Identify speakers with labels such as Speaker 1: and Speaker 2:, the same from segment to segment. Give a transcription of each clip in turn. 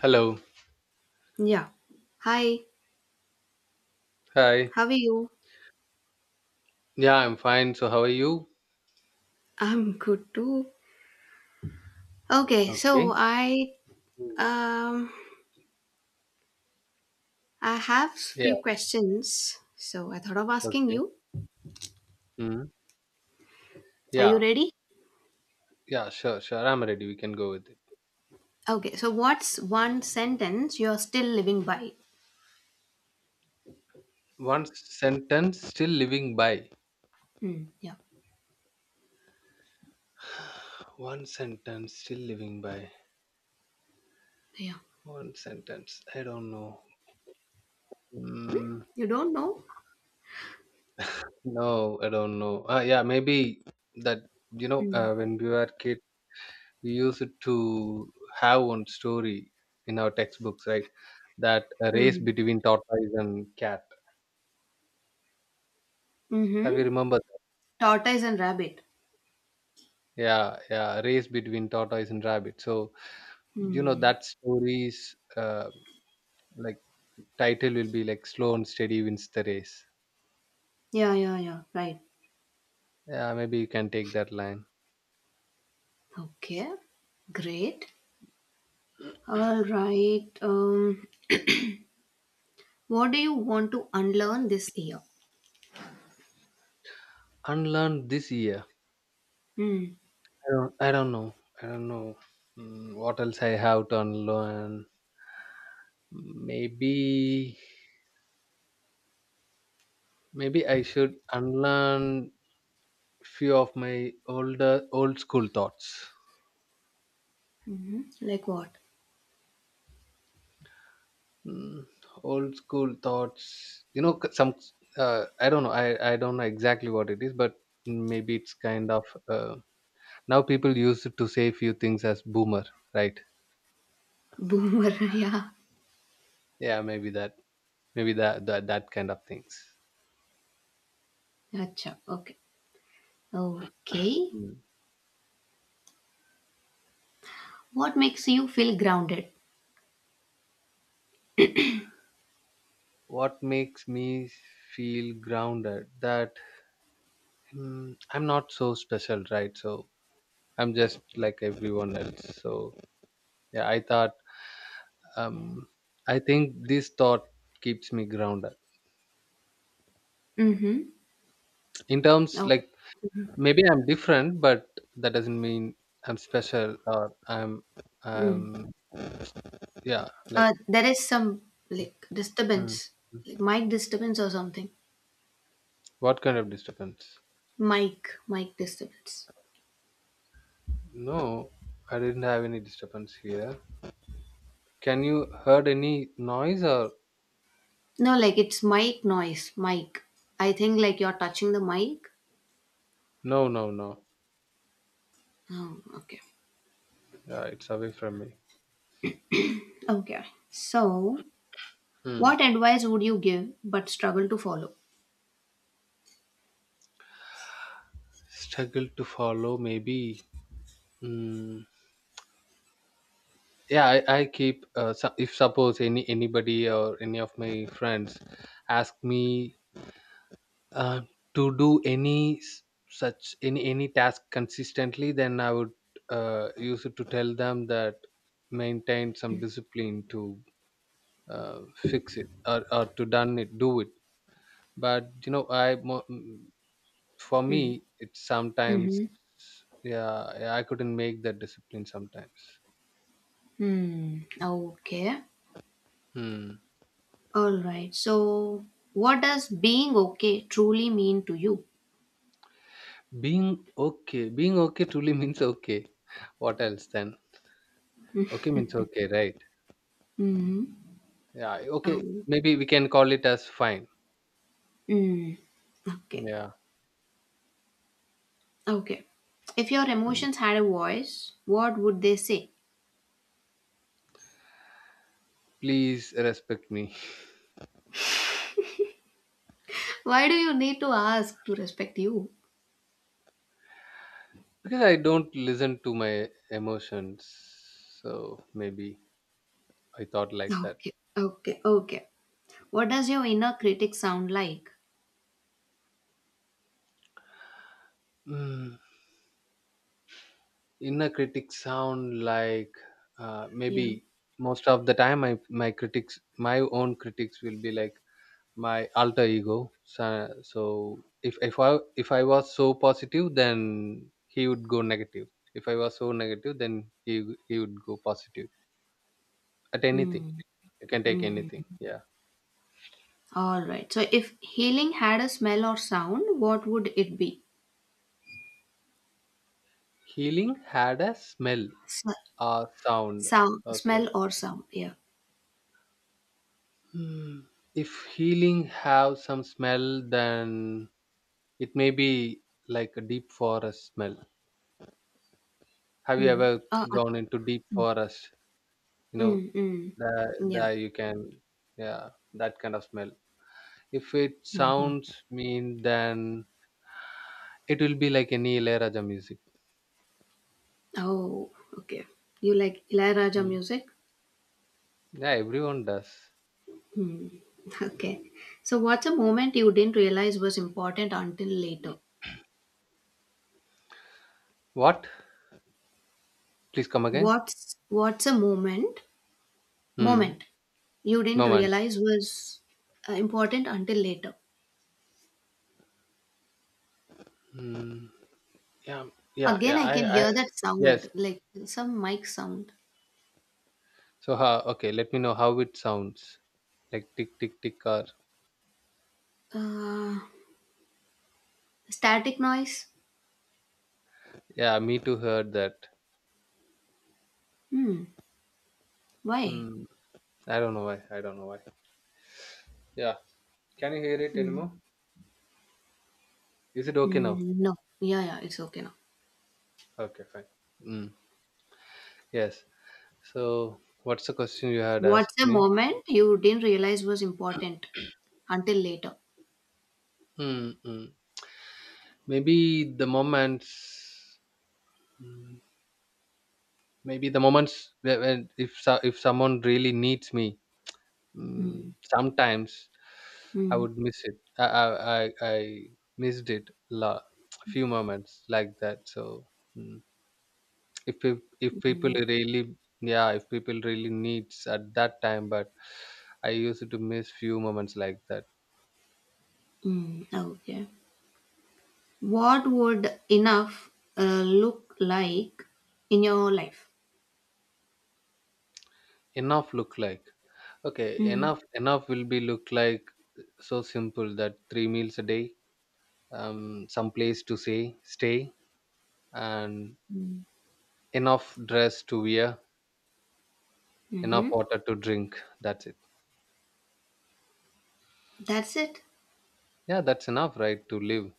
Speaker 1: Hello.
Speaker 2: Yeah. Hi,
Speaker 1: Hi.
Speaker 2: how are you?
Speaker 1: Yeah, I'm fine. So, how are you?
Speaker 2: I'm good too. Okay, so
Speaker 1: Okay. Mm.
Speaker 2: um I have
Speaker 1: Yeah.
Speaker 2: few questions. So I thought of asking
Speaker 1: Okay.
Speaker 2: you.
Speaker 1: Mm.
Speaker 2: Are
Speaker 1: Yeah.
Speaker 2: you ready?
Speaker 1: Yeah. Sure. Sure. I'm ready. We can go with it.
Speaker 2: Okay, so what's one sentence you're still living by?
Speaker 1: One sentence still living by.
Speaker 2: Yeah.
Speaker 1: One sentence still living by.
Speaker 2: Yeah.
Speaker 1: One sentence. I don't know. Mm,
Speaker 2: You don't know?
Speaker 1: no, I don't know. Yeah, Maybe that,
Speaker 2: Hmm.
Speaker 1: when we were kid, we used to have one story in our textbooks, right? That a race
Speaker 2: Hmm.
Speaker 1: between tortoise and cat. Have you
Speaker 2: Mm-hmm.
Speaker 1: remembered?
Speaker 2: Tortoise and rabbit.
Speaker 1: Yeah, yeah, race between tortoise and rabbit. So, you know,
Speaker 2: Hmm.
Speaker 1: that story's like title will be like Slow and Steady Wins the Race.
Speaker 2: Yeah, yeah, yeah. Right.
Speaker 1: Yeah, maybe you can take that line.
Speaker 2: Okay. Great. All right. What do you want to unlearn this year?
Speaker 1: Unlearn this year.
Speaker 2: Mm.
Speaker 1: I don't know. I don't know what else I have to unlearn. Maybe, maybe I should unlearn few of my older old school thoughts.
Speaker 2: Mhm. Like what?
Speaker 1: Mm, old school thoughts. You know, some. I don't know. I don't know exactly what it is, but maybe it's kind of. Now people use it to say few things as boomer, right?
Speaker 2: Boomer. yeah.
Speaker 1: Yeah, maybe that. Maybe that kind of things.
Speaker 2: Acha. Okay. Okay.
Speaker 1: Mm.
Speaker 2: What makes you feel grounded?
Speaker 1: What makes me feel grounded? That I'm not so special, right? So I'm just like everyone else. So yeah, I thought. Um, I think this thought keeps me grounded
Speaker 2: Mm-hmm.
Speaker 1: in terms
Speaker 2: Oh.
Speaker 1: like maybe I'm different, but that doesn't mean I'm special or I'm
Speaker 2: Mm.
Speaker 1: I'm yeah, like
Speaker 2: There is some like
Speaker 1: mm,
Speaker 2: disturbance,
Speaker 1: mm.
Speaker 2: like mic disturbance or something.
Speaker 1: What kind of disturbance?
Speaker 2: Mic disturbance.
Speaker 1: No, I didn't have any disturbance here. Can you heard any noise or
Speaker 2: No, like it's mic noise. Mic. I think like you're touching the mic.
Speaker 1: no.
Speaker 2: Oh, okay.
Speaker 1: Yeah, it's away from me.
Speaker 2: Okay. So,
Speaker 1: Hmm.
Speaker 2: what advice would you give but struggle to follow?
Speaker 1: Struggle to follow maybe mm, yeah I keep if suppose anybody or any of my friends ask me Uh, to do any s- such any task consistently, then I would use it to tell them that maintain some discipline to fix it or to done it, do it. But you know, for
Speaker 2: Mm.
Speaker 1: me, it's sometimes
Speaker 2: Mm-hmm.
Speaker 1: yeah, yeah, I couldn't make that discipline sometimes.
Speaker 2: Hmm. Okay.
Speaker 1: Hmm.
Speaker 2: All right. So, what does being okay truly mean to you?
Speaker 1: Being okay truly means okay. What else then? Okay means okay, right?
Speaker 2: Hmm.
Speaker 1: Yeah, okay.
Speaker 2: Oh.
Speaker 1: Maybe we can call it as fine.
Speaker 2: Mm. Okay.
Speaker 1: Yeah.
Speaker 2: Okay. If your
Speaker 1: Mm.
Speaker 2: emotions had a voice, what would they say?
Speaker 1: Please respect me.
Speaker 2: Why do you need to ask to respect you?
Speaker 1: Because I don't listen to my emotions. So maybe I thought like that.
Speaker 2: Okay. Okay. Okay. What does your inner critic sound like?
Speaker 1: Mm. Inner critics sound like
Speaker 2: Yeah.
Speaker 1: maybe most of the time my critics my own critics will be like my alter ego. So, so if I was so positive, then he would go negative. If I was so negative, then he would go positive at anything.
Speaker 2: Mm.
Speaker 1: You can take anything.
Speaker 2: Mm-hmm.
Speaker 1: Yeah.
Speaker 2: All right. So, if healing had a smell or sound, what would it be?
Speaker 1: Healing had a smell
Speaker 2: S-
Speaker 1: or sound.
Speaker 2: Sound,
Speaker 1: Okay.
Speaker 2: smell or sound? Yeah.
Speaker 1: Hmm. If healing have some smell, then it may be like a deep forest smell. Have you
Speaker 2: Mm.
Speaker 1: ever gone into deep forest? You know,
Speaker 2: Mm, mm.
Speaker 1: there,
Speaker 2: Yeah.
Speaker 1: there you can, yeah, that kind of smell. If it
Speaker 2: Hmm.
Speaker 1: sounds mean, then it will be like any Ilayaraja music.
Speaker 2: Oh, okay. You like Ilayaraja
Speaker 1: Hmm.
Speaker 2: music?
Speaker 1: Yeah, everyone does.
Speaker 2: Hmm. Okay. So what's a moment you didn't realize was important until later?
Speaker 1: What? Please come again.
Speaker 2: What's a moment?
Speaker 1: Hmm.
Speaker 2: Moment you didn't
Speaker 1: Moment.
Speaker 2: realize was important until later.
Speaker 1: Hmm. Yeah, yeah, yeah.
Speaker 2: Again, I can hear that
Speaker 1: Yes.
Speaker 2: sound, like some mic sound.
Speaker 1: So how? Okay, let me know how it sounds. Like tick, tick, tick. Car.
Speaker 2: Uh, Static noise?
Speaker 1: Yeah, me too heard that.
Speaker 2: Hmm. Why?
Speaker 1: Hmm. I don't know why. I don't know why. Yeah. Can you hear it
Speaker 2: Hmm.
Speaker 1: anymore? Is it okay now?
Speaker 2: Hmm, no. Yeah, yeah, it's okay now.
Speaker 1: Okay, fine. Mm. Yes. So what's the question you had
Speaker 2: What's
Speaker 1: asked
Speaker 2: the
Speaker 1: me?
Speaker 2: moment you didn't realize was important until later?
Speaker 1: Mm-mm. Maybe the moments. Mm, Maybe the moments when if someone really needs me, mm,
Speaker 2: Mm,
Speaker 1: sometimes I
Speaker 2: mm,
Speaker 1: would miss it. I missed it a few moments like that. So mm, if people really yeah if people really needs at that time, but I used to miss few moments like that.
Speaker 2: okay. What would enough look like in your life?
Speaker 1: Enough look like okay
Speaker 2: Mm,
Speaker 1: enough will be look like so simple that three meals a day, some place to say stay, and enough dress to wear, enough
Speaker 2: mm-hmm.
Speaker 1: water to drink. That's it.
Speaker 2: That's it.
Speaker 1: Yeah, that's enough right to live,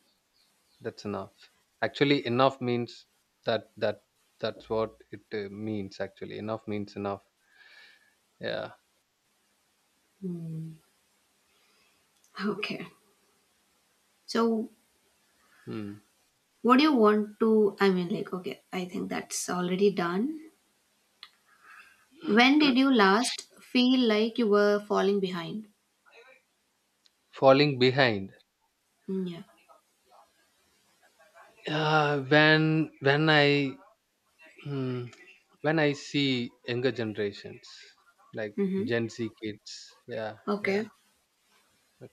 Speaker 1: that's enough, actually enough means that that's what it means, actually enough means enough yeah
Speaker 2: Mm, okay. So,
Speaker 1: hmm.
Speaker 2: what do you want to? I mean, like, okay, I think that's already done. When did you last feel like you were falling behind?
Speaker 1: Falling behind
Speaker 2: Yeah.
Speaker 1: when I hmm, when I see younger generations like
Speaker 2: Mm-hmm.
Speaker 1: Gen Z kids yeah yeah
Speaker 2: Okay.
Speaker 1: like,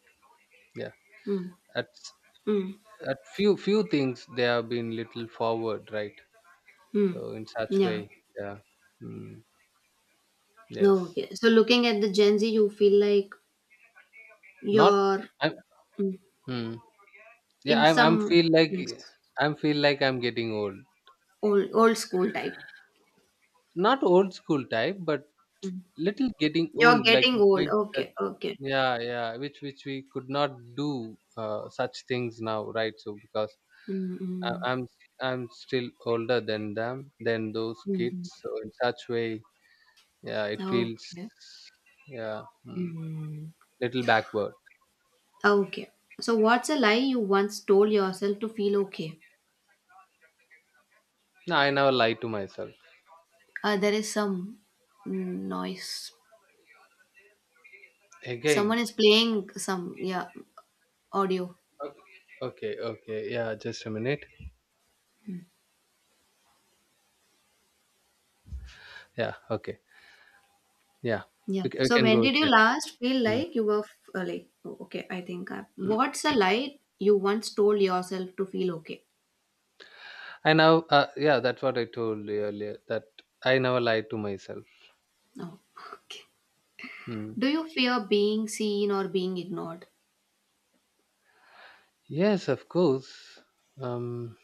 Speaker 1: yeah
Speaker 2: Mm,
Speaker 1: at
Speaker 2: mm,
Speaker 1: at few things they have been little forward right
Speaker 2: mm.
Speaker 1: so in such way
Speaker 2: Yeah.
Speaker 1: yeah mm, yes
Speaker 2: Okay. So looking at the Gen Z, you feel like
Speaker 1: not
Speaker 2: you're
Speaker 1: I,
Speaker 2: mm,
Speaker 1: hmm. Yeah,
Speaker 2: in
Speaker 1: I'm
Speaker 2: some
Speaker 1: feel like
Speaker 2: things
Speaker 1: I'm feel like I'm getting old.
Speaker 2: old old school type.
Speaker 1: Not old school type, but
Speaker 2: Mm.
Speaker 1: little getting
Speaker 2: You're
Speaker 1: old, like
Speaker 2: getting
Speaker 1: which
Speaker 2: old.
Speaker 1: means that
Speaker 2: Okay. Okay.
Speaker 1: yeah, yeah, which we could not do such things now, right? So because I,
Speaker 2: Mm.
Speaker 1: I'm I'm still older than them than those
Speaker 2: Hmm.
Speaker 1: kids. So in such way, yeah, it feels
Speaker 2: Okay.
Speaker 1: yeah hmm,
Speaker 2: Mm.
Speaker 1: little backward.
Speaker 2: Okay. So what's a lie you once told yourself to feel okay?
Speaker 1: No, I never lie to myself
Speaker 2: There is some noise.
Speaker 1: again.
Speaker 2: Someone is playing some yeah audio.
Speaker 1: Okay, okay, okay. Yeah, just a minute. Yeah. Okay. Yeah.
Speaker 2: Yeah.
Speaker 1: We
Speaker 2: So
Speaker 1: can
Speaker 2: when
Speaker 1: go with
Speaker 2: did
Speaker 1: the
Speaker 2: you
Speaker 1: next
Speaker 2: last feel
Speaker 1: question.
Speaker 2: like you were like oh, okay? I think
Speaker 1: Mm.
Speaker 2: what's a lie you once told yourself to feel okay?
Speaker 1: I now, yeah, that's what I told you earlier that I never lie to myself.
Speaker 2: Oh, okay.
Speaker 1: Mm.
Speaker 2: Do you fear being seen or being ignored?
Speaker 1: Yes, of course. Um,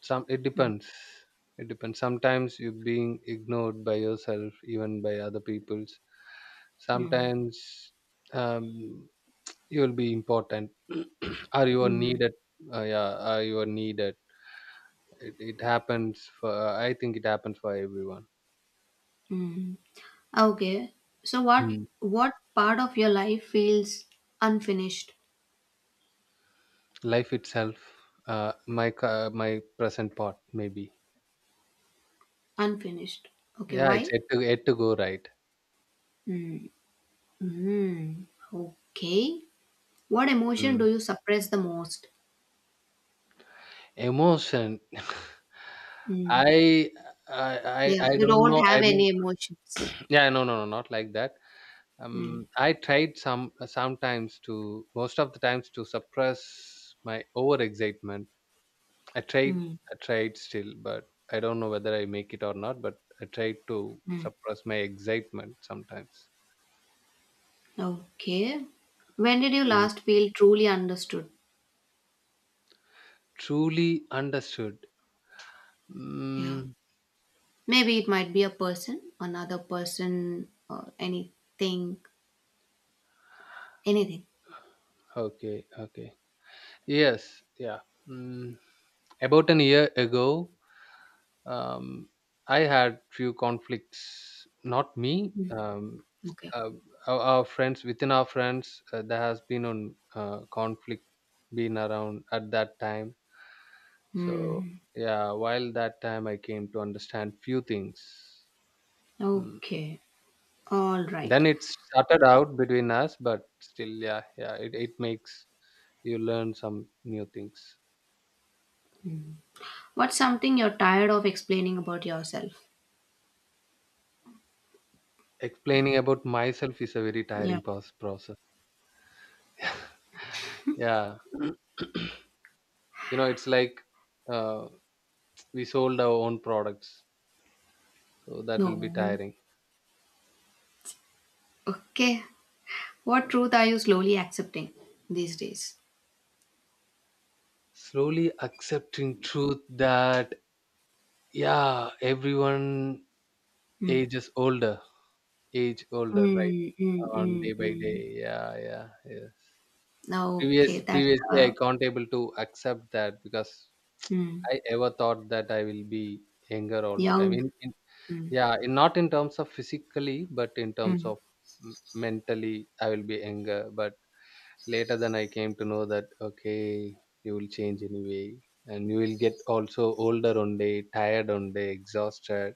Speaker 1: some it
Speaker 2: Mm,
Speaker 1: depends. It depends. Sometimes you're being ignored by yourself, even by other people's.
Speaker 2: mm,
Speaker 1: Sometimes um, you'll be important. Are you are
Speaker 2: mm,
Speaker 1: needed? Yeah, are you are needed? It happens for. I think it happens for everyone.
Speaker 2: mm. Okay. So what
Speaker 1: Mm.
Speaker 2: what part of your life feels unfinished?
Speaker 1: Life itself, my present part maybe.
Speaker 2: Unfinished. Okay.
Speaker 1: Yeah, it's
Speaker 2: Why?
Speaker 1: yet to go right.
Speaker 2: Mm, mm. Okay. What emotion
Speaker 1: Mm.
Speaker 2: do you suppress the most?
Speaker 1: Emotion.
Speaker 2: Mm.
Speaker 1: I, I I
Speaker 2: Yeah.
Speaker 1: I
Speaker 2: You
Speaker 1: don't
Speaker 2: don't
Speaker 1: know.
Speaker 2: have
Speaker 1: I
Speaker 2: any
Speaker 1: mean,
Speaker 2: emotions.
Speaker 1: yeah, no, no, no, not like that.
Speaker 2: Hmm.
Speaker 1: I tried some sometimes to most of the times to suppress my over excitement. I tried,
Speaker 2: Hmm.
Speaker 1: I tried still, but I don't know whether I make it or not. But I tried to
Speaker 2: Hmm.
Speaker 1: suppress my excitement sometimes.
Speaker 2: Okay. When did you
Speaker 1: Mm.
Speaker 2: last feel truly understood?
Speaker 1: Truly understood.
Speaker 2: Yeah.
Speaker 1: Mm,
Speaker 2: Maybe it might be a person, another person, or anything.
Speaker 1: okay, okay. Yes, yeah. Mm, about an year ago, um, I had few conflicts. Not me.
Speaker 2: Hmm. Okay.
Speaker 1: Uh, our friends within our friends, there has been on conflict been around at that time. So
Speaker 2: Hmm.
Speaker 1: yeah, while that time I came to understand few things. Mm.
Speaker 2: Okay. All right.
Speaker 1: Then it started out between us, but still, yeah, yeah, it makes you learn some new things.
Speaker 2: What's something you're tired of explaining about yourself?
Speaker 1: Explaining about myself is a very
Speaker 2: Yeah.
Speaker 1: tiring process. Yeah. You know it's like uh, we sold our own products so that will be
Speaker 2: No.
Speaker 1: tiring.
Speaker 2: Okay. What truth are you slowly accepting these days?
Speaker 1: Slowly accepting truth that yeah everyone
Speaker 2: Hmm.
Speaker 1: ages older age older right
Speaker 2: Mm,
Speaker 1: on day
Speaker 2: mm,
Speaker 1: by day
Speaker 2: mm,
Speaker 1: yeah yeah yes.
Speaker 2: mm. Okay, that's
Speaker 1: Previously I can't able to accept that because
Speaker 2: mm.
Speaker 1: I ever thought that I will be younger all the time.
Speaker 2: Young.
Speaker 1: In
Speaker 2: Mm,
Speaker 1: Yeah, in, not in terms of physically, but in terms
Speaker 2: mm,
Speaker 1: of mentally, I will be younger. But later, then I came to know that okay, you will change anyway, and you will get also older 1 day, tired 1 day, exhausted.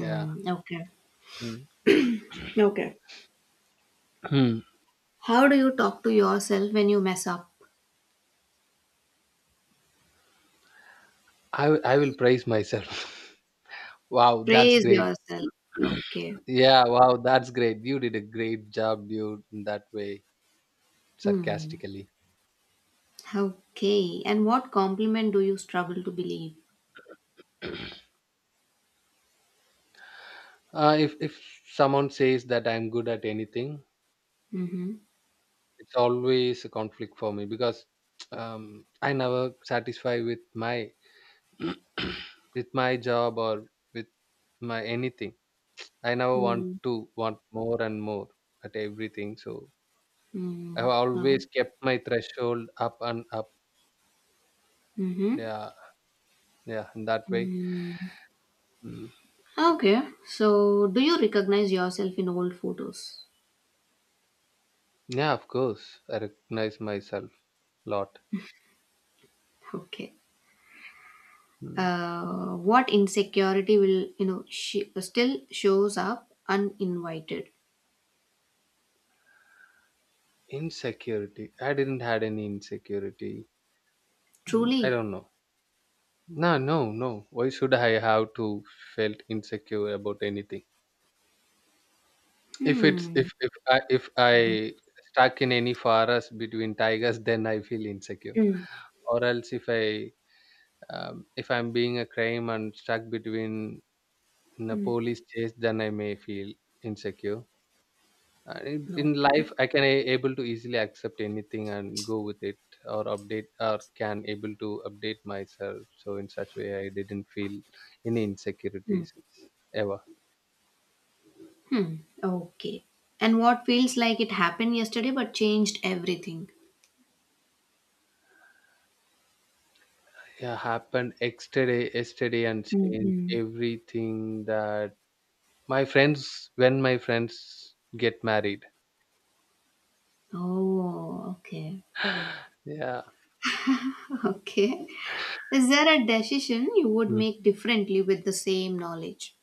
Speaker 1: Yeah.
Speaker 2: okay.
Speaker 1: Mm.
Speaker 2: Okay. How do you talk to yourself when you mess up?
Speaker 1: I will praise myself. Wow, that's
Speaker 2: Praise
Speaker 1: great.
Speaker 2: yourself. Okay.
Speaker 1: Yeah, wow, that's great. You did a great job, dude, in that way,
Speaker 2: Hmm.
Speaker 1: sarcastically.
Speaker 2: Okay. And what compliment do you struggle to believe?
Speaker 1: If someone says that I'm good at anything,
Speaker 2: Mm-hmm.
Speaker 1: it's always a conflict for me because I never satisfy with my with my job or with my anything. I never want
Speaker 2: Mm.
Speaker 1: to want more and more at everything. So I've
Speaker 2: Mm. No.
Speaker 1: always kept my threshold up and up.
Speaker 2: Mm-hmm.
Speaker 1: Yeah, yeah, in that way.
Speaker 2: Mm.
Speaker 1: Mm.
Speaker 2: Okay. So, do you recognize yourself in old photos?
Speaker 1: Yeah, of course. I recognize myself a lot.
Speaker 2: Okay.
Speaker 1: Mm.
Speaker 2: What insecurity will you know still shows up uninvited?
Speaker 1: Insecurity. I didn't had any insecurity. Mm. I
Speaker 2: Truly,
Speaker 1: don't know. No, no, no. Why should I have to felt insecure about anything?
Speaker 2: Hmm.
Speaker 1: If I stuck in any forest between tigers, then I feel insecure.
Speaker 2: Mm.
Speaker 1: Or else if I if I'm being a crime and stuck between in a
Speaker 2: Mm.
Speaker 1: police chase, then I may feel insecure. In
Speaker 2: Okay.
Speaker 1: life I can able to easily accept anything and go with it or update or can able to update myself, so in such way I didn't feel any
Speaker 2: Mm.
Speaker 1: insecurities ever.
Speaker 2: Hmm. Okay. And what feels like it happened yesterday but changed everything?
Speaker 1: Yeah, happened yesterday yesterday and
Speaker 2: Mm.
Speaker 1: change
Speaker 2: Hmm.
Speaker 1: everything that my friends when my friends get married.
Speaker 2: Oh, okay.
Speaker 1: Yeah.
Speaker 2: Okay. Is there a decision you would
Speaker 1: Mm.
Speaker 2: make differently with the same knowledge?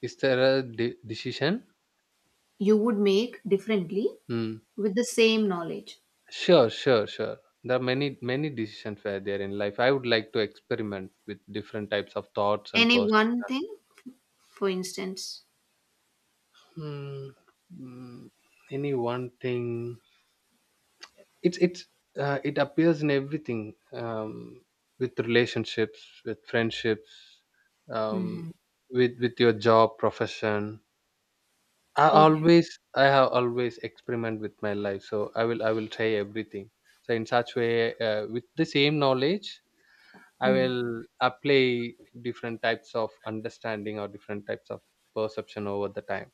Speaker 1: Is there a decision?
Speaker 2: You would make differently
Speaker 1: Mm.
Speaker 2: with the same knowledge.
Speaker 1: Sure, sure, sure. There are many, many decisions were there in life. I would like to experiment with different types of thoughts and
Speaker 2: Any
Speaker 1: perceptions.
Speaker 2: one thing, for instance?
Speaker 1: Hmm, mm, any one thing. It's it's it appears in everything. With relationships, with friendships, um,
Speaker 2: Mm-hmm.
Speaker 1: with your job, profession.
Speaker 2: Okay.
Speaker 1: I have always experiment with my life, so I will try everything. So in such way, with the same knowledge, I will apply different types of understanding or different types of perception over the time.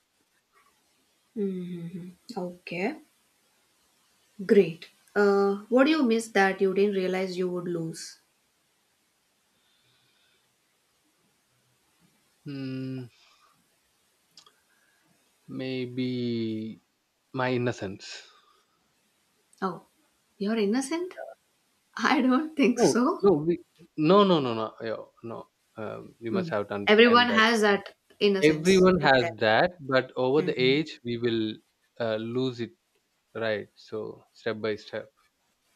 Speaker 2: Mm-hmm. Okay. Great. What do you miss that you didn't realize you would lose?
Speaker 1: Hmm, maybe my innocence.
Speaker 2: Oh, you're innocent? I don't think
Speaker 1: No,
Speaker 2: so.
Speaker 1: no, we, no, no, no, no, yo, no. You
Speaker 2: Hmm.
Speaker 1: must have to
Speaker 2: Everyone
Speaker 1: understand that
Speaker 2: has that innocence
Speaker 1: everyone
Speaker 2: in them.
Speaker 1: has that, but over the
Speaker 2: Hmm.
Speaker 1: age, we will lose it, right? So step by step.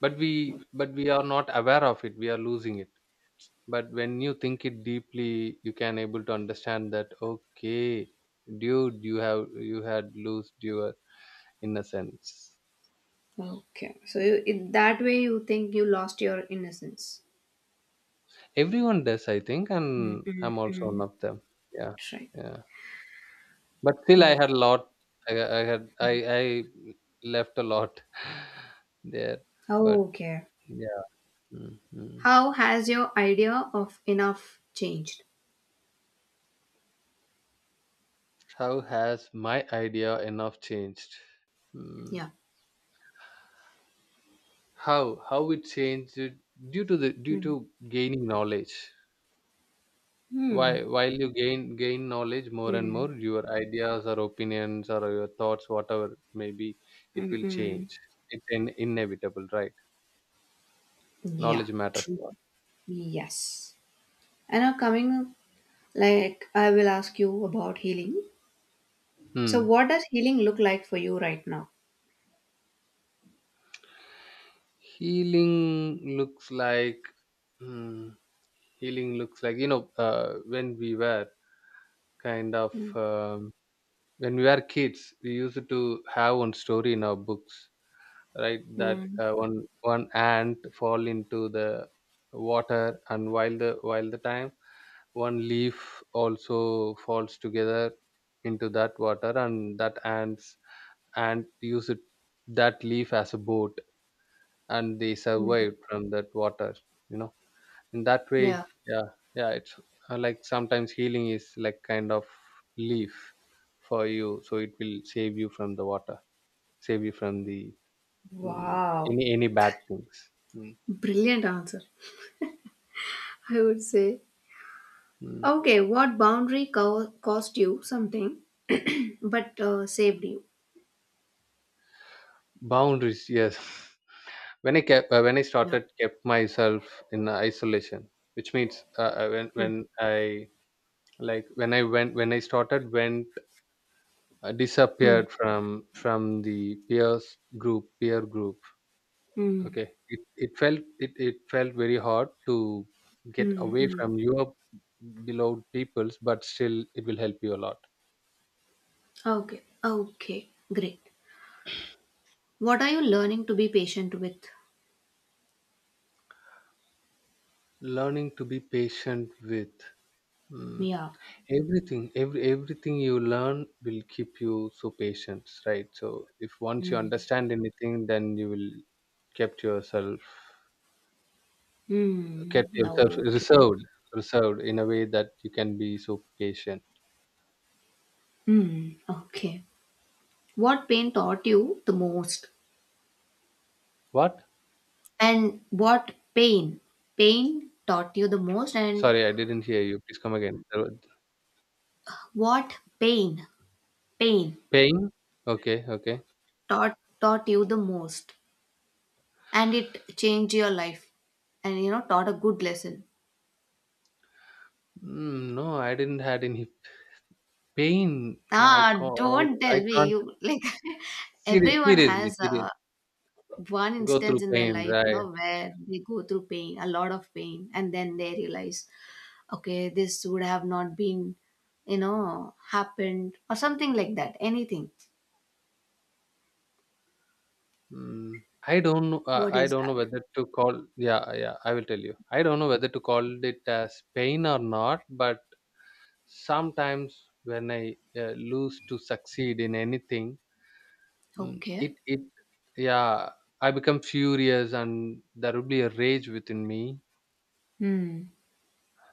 Speaker 1: But we are not aware of it, we are losing it. But when you think it deeply, you can able to understand that, okay, dude, you have you had lost your innocence.
Speaker 2: Okay. So you, in that way, you think you lost your innocence.
Speaker 1: Everyone does, I think, and I'm also
Speaker 2: Hmm.
Speaker 1: one
Speaker 2: Mm.
Speaker 1: of them. Yeah.
Speaker 2: Right.
Speaker 1: Yeah, but still I
Speaker 2: Oh.
Speaker 1: had a lot. i, I had i I left a lot there. But
Speaker 2: Okay.
Speaker 1: yeah. Mm. Mm.
Speaker 2: How has your idea of enough changed?
Speaker 1: How has my idea enough changed? Hmm.
Speaker 2: Yeah.
Speaker 1: How it changed it? Due to the due
Speaker 2: Mm.
Speaker 1: to gaining knowledge.
Speaker 2: Hmm.
Speaker 1: Why While you gain knowledge more and more,
Speaker 2: Mm.
Speaker 1: your ideas or opinions or your thoughts, whatever maybe, it
Speaker 2: Mm.
Speaker 1: will
Speaker 2: Mm.
Speaker 1: change. It's inevitable, right?
Speaker 2: Yeah.
Speaker 1: Knowledge matters
Speaker 2: True.
Speaker 1: a lot.
Speaker 2: Yes. And now coming like, I will ask you about healing. So,
Speaker 1: Hmm.
Speaker 2: what does healing look like for you right now?
Speaker 1: Healing looks like, hmm, healing looks like, when we were kind of,
Speaker 2: Mm.
Speaker 1: when we were kids, we used to have one story in our books, right? That
Speaker 2: Mm.
Speaker 1: one ant fall into the water, and while the time one leaf also falls together into that water, and that ant use it that leaf as a boat, and they
Speaker 2: Mm.
Speaker 1: survived from that water, you know. In that way.
Speaker 2: Yeah.
Speaker 1: Yeah. Yeah, it's like sometimes healing is like kind of leaf for you, so it will save you from the water, save you from the, mm,
Speaker 2: Wow.
Speaker 1: any bad things. Mm.
Speaker 2: Brilliant answer, I would say.
Speaker 1: Mm.
Speaker 2: Okay, what boundary cost you something but saved you?
Speaker 1: Boundaries, yes. When I
Speaker 2: Yeah.
Speaker 1: started kept myself in isolation, which means, when I, like when I went, when I started went,
Speaker 2: Mm.
Speaker 1: disappeared from the peer group.
Speaker 2: Mm.
Speaker 1: Okay, it felt very hard to get
Speaker 2: Mm.
Speaker 1: away
Speaker 2: Mm.
Speaker 1: from your beloved peoples, but still it will help you a lot.
Speaker 2: Okay. Okay. Great. What are you learning to be patient with?
Speaker 1: Learning to be patient with. Hmm.
Speaker 2: Yeah.
Speaker 1: Everything, everything you learn will keep you so patient, right? So if once you
Speaker 2: Mm.
Speaker 1: understand anything, then you will kept yourself
Speaker 2: Mm.
Speaker 1: kept yourself
Speaker 2: Okay.
Speaker 1: reserved, reserved in a way that you can be so patient.
Speaker 2: Mm. Okay. What pain taught you the most?
Speaker 1: What?
Speaker 2: And what pain? Pain taught you the most, and
Speaker 1: Sorry, I didn't hear you. Please come again. There was-
Speaker 2: what pain? Pain
Speaker 1: Pain? Okay, okay.
Speaker 2: taught you the most, and it changed your life, and you know taught a good lesson.
Speaker 1: Mm, no, I didn't had any pain. I
Speaker 2: Ah,
Speaker 1: can't.
Speaker 2: don't tell
Speaker 1: I
Speaker 2: me
Speaker 1: can't.
Speaker 2: you like
Speaker 1: Serious,
Speaker 2: everyone
Speaker 1: seriously,
Speaker 2: has
Speaker 1: serious.
Speaker 2: one
Speaker 1: Go
Speaker 2: instance
Speaker 1: through
Speaker 2: in their
Speaker 1: pain,
Speaker 2: life, you
Speaker 1: right?
Speaker 2: know, where they go through pain, a lot of pain, and then they realize, okay, this would have not been, you know, happened or something like that. Anything.
Speaker 1: Mm, I don't know.
Speaker 2: What
Speaker 1: I
Speaker 2: is
Speaker 1: don't know
Speaker 2: that?
Speaker 1: whether to call. Yeah, yeah. I will tell you. I don't know whether to call it as pain or not. But sometimes when I lose to succeed in anything,
Speaker 2: Okay.
Speaker 1: it yeah, I become furious, and there will be a rage within me.
Speaker 2: Hmm.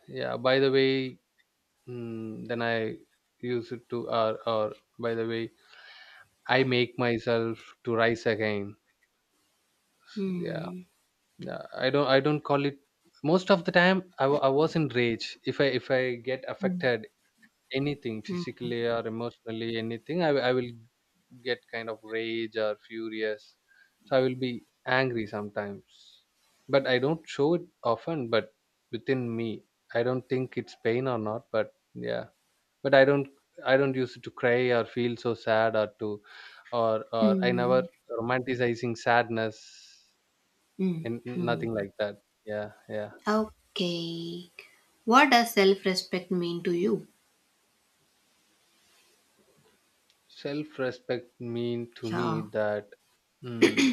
Speaker 1: Yeah. By the way, then I use it to, or by the way, I make myself to rise again. Yeah.
Speaker 2: Hmm.
Speaker 1: Yeah, I don't call it. Most of the time I was in rage. If I, if I get
Speaker 2: Mm,
Speaker 1: affected anything
Speaker 2: mm,
Speaker 1: physically or emotionally, anything I will get kind of rage or furious. So I will be angry sometimes, but I don't show it often. But within me, I don't think it's pain or not, but yeah. But I don't use it to cry or feel so sad, or to, or I never
Speaker 2: Mm,
Speaker 1: romanticizing sadness. And yeah,
Speaker 2: mm.
Speaker 1: nothing like that. Yeah. Yeah.
Speaker 2: Okay. What does self-respect mean to you?
Speaker 1: Self respect mean to me
Speaker 2: Yeah.
Speaker 1: that, mm,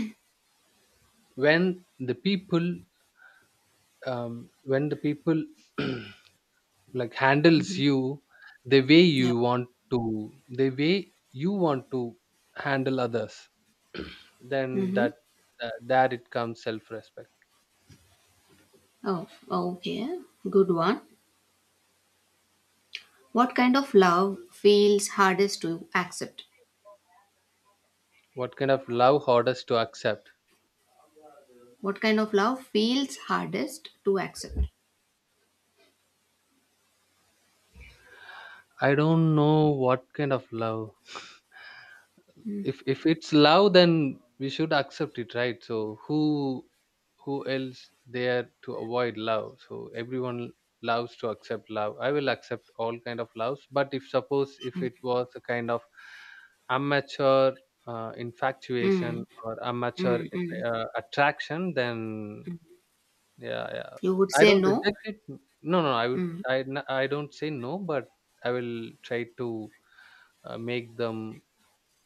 Speaker 1: when the people, um, when the people like handles
Speaker 2: Mhm.
Speaker 1: you the way
Speaker 2: Yeah.
Speaker 1: you want to, the way you want to handle others, then
Speaker 2: Mm-hmm.
Speaker 1: that, there it comes self respect.
Speaker 2: Oh, okay. Good one. What kind of love feels hardest to accept?
Speaker 1: What kind of love hardest to accept?
Speaker 2: What kind of love feels hardest to accept?
Speaker 1: I don't know what kind of love. If it's love, then we should accept it, right? So who else there to avoid love? So everyone loves to accept love. I will accept all kind of loves. But if suppose if it was a kind of amateur,
Speaker 2: Mm,
Speaker 1: infatuation or amateur,
Speaker 2: mm.
Speaker 1: attraction, then yeah, yeah,
Speaker 2: You would
Speaker 1: I
Speaker 2: say
Speaker 1: don't
Speaker 2: no?
Speaker 1: reject it. No, no, I would,
Speaker 2: Mm.
Speaker 1: I don't say no, but I will try to make them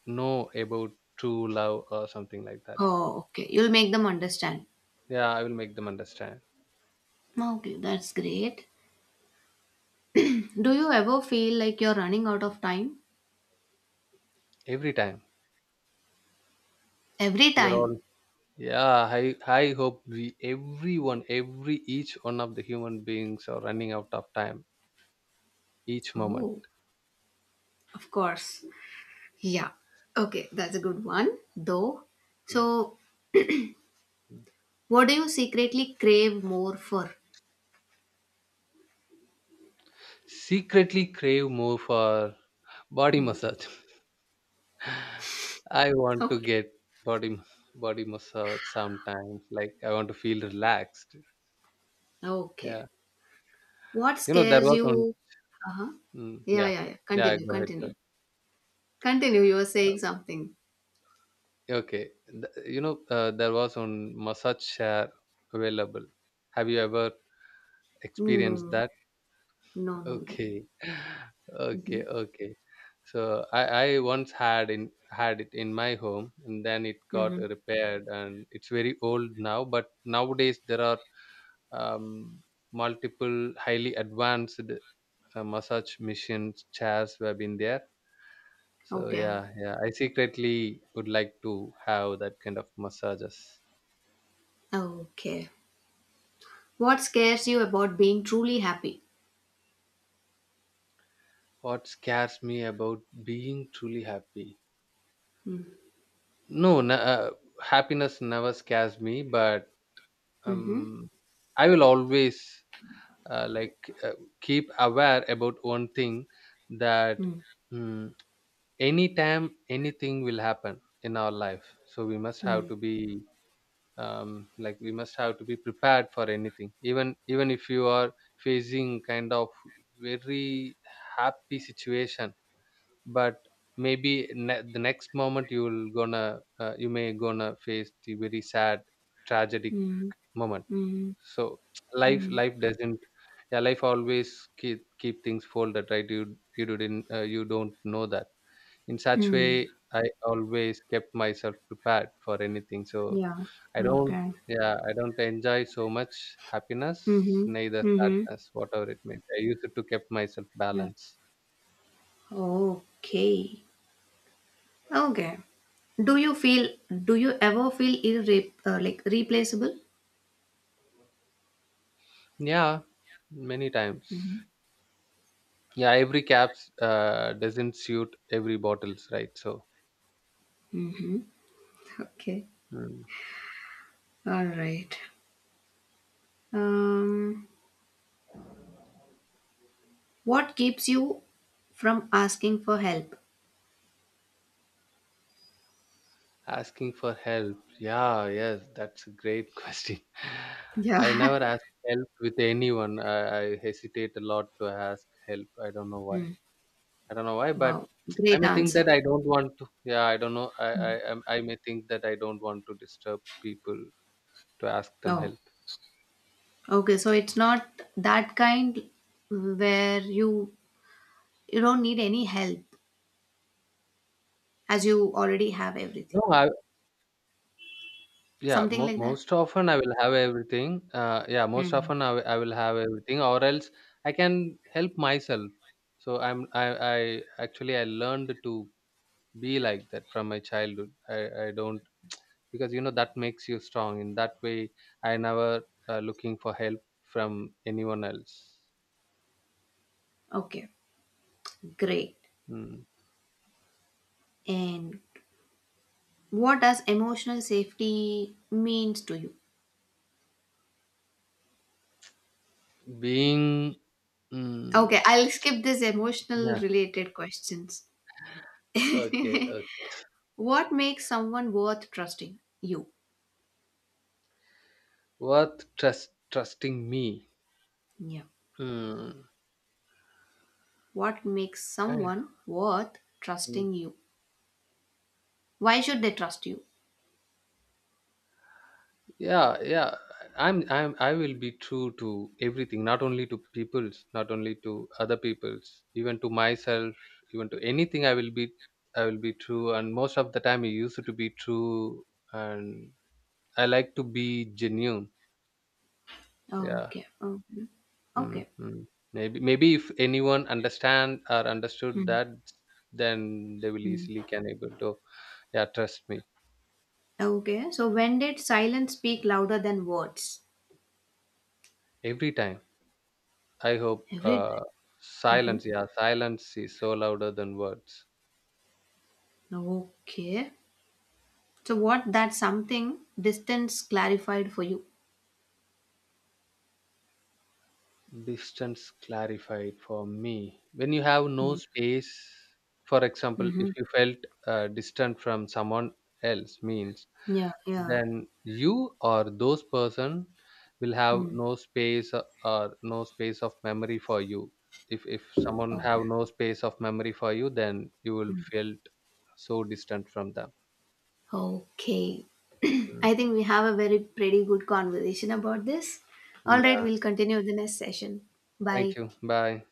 Speaker 1: know about true love or something like that.
Speaker 2: Oh, okay. You'll make them understand.
Speaker 1: Yeah, I will make them understand.
Speaker 2: Okay, that's great. Do you ever feel like you're running out of time?
Speaker 1: Every time.
Speaker 2: Every
Speaker 1: We are
Speaker 2: time.
Speaker 1: all, yeah. I hope we everyone, every each one of the human beings are running out of time each moment.
Speaker 2: Oh, of course. Yeah. Okay, that's a good one, though.
Speaker 1: Mm.
Speaker 2: So,
Speaker 1: Mm.
Speaker 2: what do you secretly crave more for?
Speaker 1: Secretly crave more for body massage. I want to
Speaker 2: Okay.
Speaker 1: get body, body massage sometimes. Like I want to feel relaxed.
Speaker 2: Okay.
Speaker 1: Yeah,
Speaker 2: What
Speaker 1: you know there
Speaker 2: scares
Speaker 1: was one.
Speaker 2: you? Uh huh.
Speaker 1: Mm,
Speaker 2: Yeah,
Speaker 1: yeah,
Speaker 2: yeah, yeah.
Speaker 1: yeah.
Speaker 2: Continue,
Speaker 1: Go ahead. Go
Speaker 2: continue. Continue. You were saying
Speaker 1: ahead.
Speaker 2: something.
Speaker 1: Okay. Th- you know, there was one massage chair available. Have you ever experienced
Speaker 2: No,
Speaker 1: that?
Speaker 2: no, no, no.
Speaker 1: Okay. Okay,
Speaker 2: Mm-hmm.
Speaker 1: okay. So I once had in had it in my home, and then it got
Speaker 2: Mm-hmm.
Speaker 1: repaired, and it's very old now. But nowadays there are um, multiple highly advanced massage machines, chairs have been there. So
Speaker 2: Okay.
Speaker 1: yeah, yeah, I secretly would like to have that kind of massages.
Speaker 2: Okay. What scares you about being truly happy?
Speaker 1: What scares me about being truly happy?
Speaker 2: Mm-hmm.
Speaker 1: No, n- uh, Happiness never scares me, but
Speaker 2: Mm-hmm.
Speaker 1: um, I will always like keep aware about one thing that, mm, anytime anything will happen in our life. So we must have
Speaker 2: Mm-hmm.
Speaker 1: to be, like we must have to be prepared for anything. Even if you are facing kind of very happy situation, but maybe the next moment you'll gonna, you may gonna face the very sad, tragic
Speaker 2: Mhm,
Speaker 1: moment.
Speaker 2: mhm,
Speaker 1: So
Speaker 2: mhm,
Speaker 1: life doesn't, yeah, life always keep things folded, right? You don't know that. In such way,
Speaker 2: mm.
Speaker 1: I always kept myself prepared for anything. So
Speaker 2: Yeah,
Speaker 1: I don't
Speaker 2: okay.
Speaker 1: yeah, I don't enjoy so much happiness,
Speaker 2: Mhm,
Speaker 1: neither
Speaker 2: mhm.
Speaker 1: sadness. Whatever it may be, I used to keep myself
Speaker 2: Yeah.
Speaker 1: balanced.
Speaker 2: Okay. Okay. Do you feel, do you ever feel irre like replaceable?
Speaker 1: Yeah, many times. Yeah, every caps doesn't suit every bottles, right? So,
Speaker 2: Okay.
Speaker 1: mm,
Speaker 2: All right. Um, what keeps you from asking for help?
Speaker 1: asking for help. Yeah, yes, that's a great question. I
Speaker 2: Yeah.
Speaker 1: never ask help with anyone. I hesitate a lot to ask help. I don't know why,
Speaker 2: Mm.
Speaker 1: I don't know why, but
Speaker 2: Wow.
Speaker 1: I
Speaker 2: Great
Speaker 1: may think
Speaker 2: answer.
Speaker 1: that I don't want to, yeah, I don't know. I may think that I don't want to disturb people to ask them
Speaker 2: No.
Speaker 1: help.
Speaker 2: Okay, so it's not that kind where you don't need any help. As you already have everything
Speaker 1: No I, Yeah,
Speaker 2: something like that.
Speaker 1: most often I will have everything. Yeah, most
Speaker 2: Hmm.
Speaker 1: often I will have everything, or else I can help myself. So I actually I learned to be like that from my childhood. I don't, because you know that makes you strong. In that way, I never looking for help from anyone else.
Speaker 2: Okay, great.
Speaker 1: Mm.
Speaker 2: And what does emotional safety means to you?
Speaker 1: Being, mm,
Speaker 2: Okay, I'll skip this emotional
Speaker 1: yeah,
Speaker 2: related questions.
Speaker 1: okay, okay.
Speaker 2: What makes someone worth trusting you?
Speaker 1: Worth trusting me.
Speaker 2: Yeah.
Speaker 1: Mm.
Speaker 2: What makes someone worth
Speaker 1: Yeah.
Speaker 2: trusting you? Why should they trust you?
Speaker 1: Yeah, yeah, I will be true to everything, not only to people's, not only to other people's, even to myself, even to anything. I will be true, and most of the time I used to be true. And I like to be genuine. Yeah.
Speaker 2: Okay. Okay. Okay.
Speaker 1: Mm-hmm. Maybe if anyone understand or understood
Speaker 2: Hmm.
Speaker 1: that, then they will
Speaker 2: Hmm.
Speaker 1: easily can able to, yeah, trust me.
Speaker 2: Okay, so when did silence speak louder than words?
Speaker 1: Every time I hope,
Speaker 2: Every time. Mhm.
Speaker 1: silence, yeah, silence is so louder than words.
Speaker 2: Okay. So what that something distance clarified for you?
Speaker 1: Distance clarified for me. When you have no
Speaker 2: Mm.
Speaker 1: space, for example, if
Speaker 2: Mhm.
Speaker 1: you felt distant from someone else, means
Speaker 2: Yeah, yeah.
Speaker 1: then you or those person will have
Speaker 2: Hmm.
Speaker 1: no space, or no space of memory for you. If someone
Speaker 2: Okay.
Speaker 1: have no space of memory for you, then you will
Speaker 2: Hmm.
Speaker 1: felt so distant from them.
Speaker 2: Okay.
Speaker 1: Mm.
Speaker 2: I think we have a very pretty good conversation about this. All right,
Speaker 1: Yeah.
Speaker 2: we'll continue the next session. Bye.
Speaker 1: Thank you. Bye.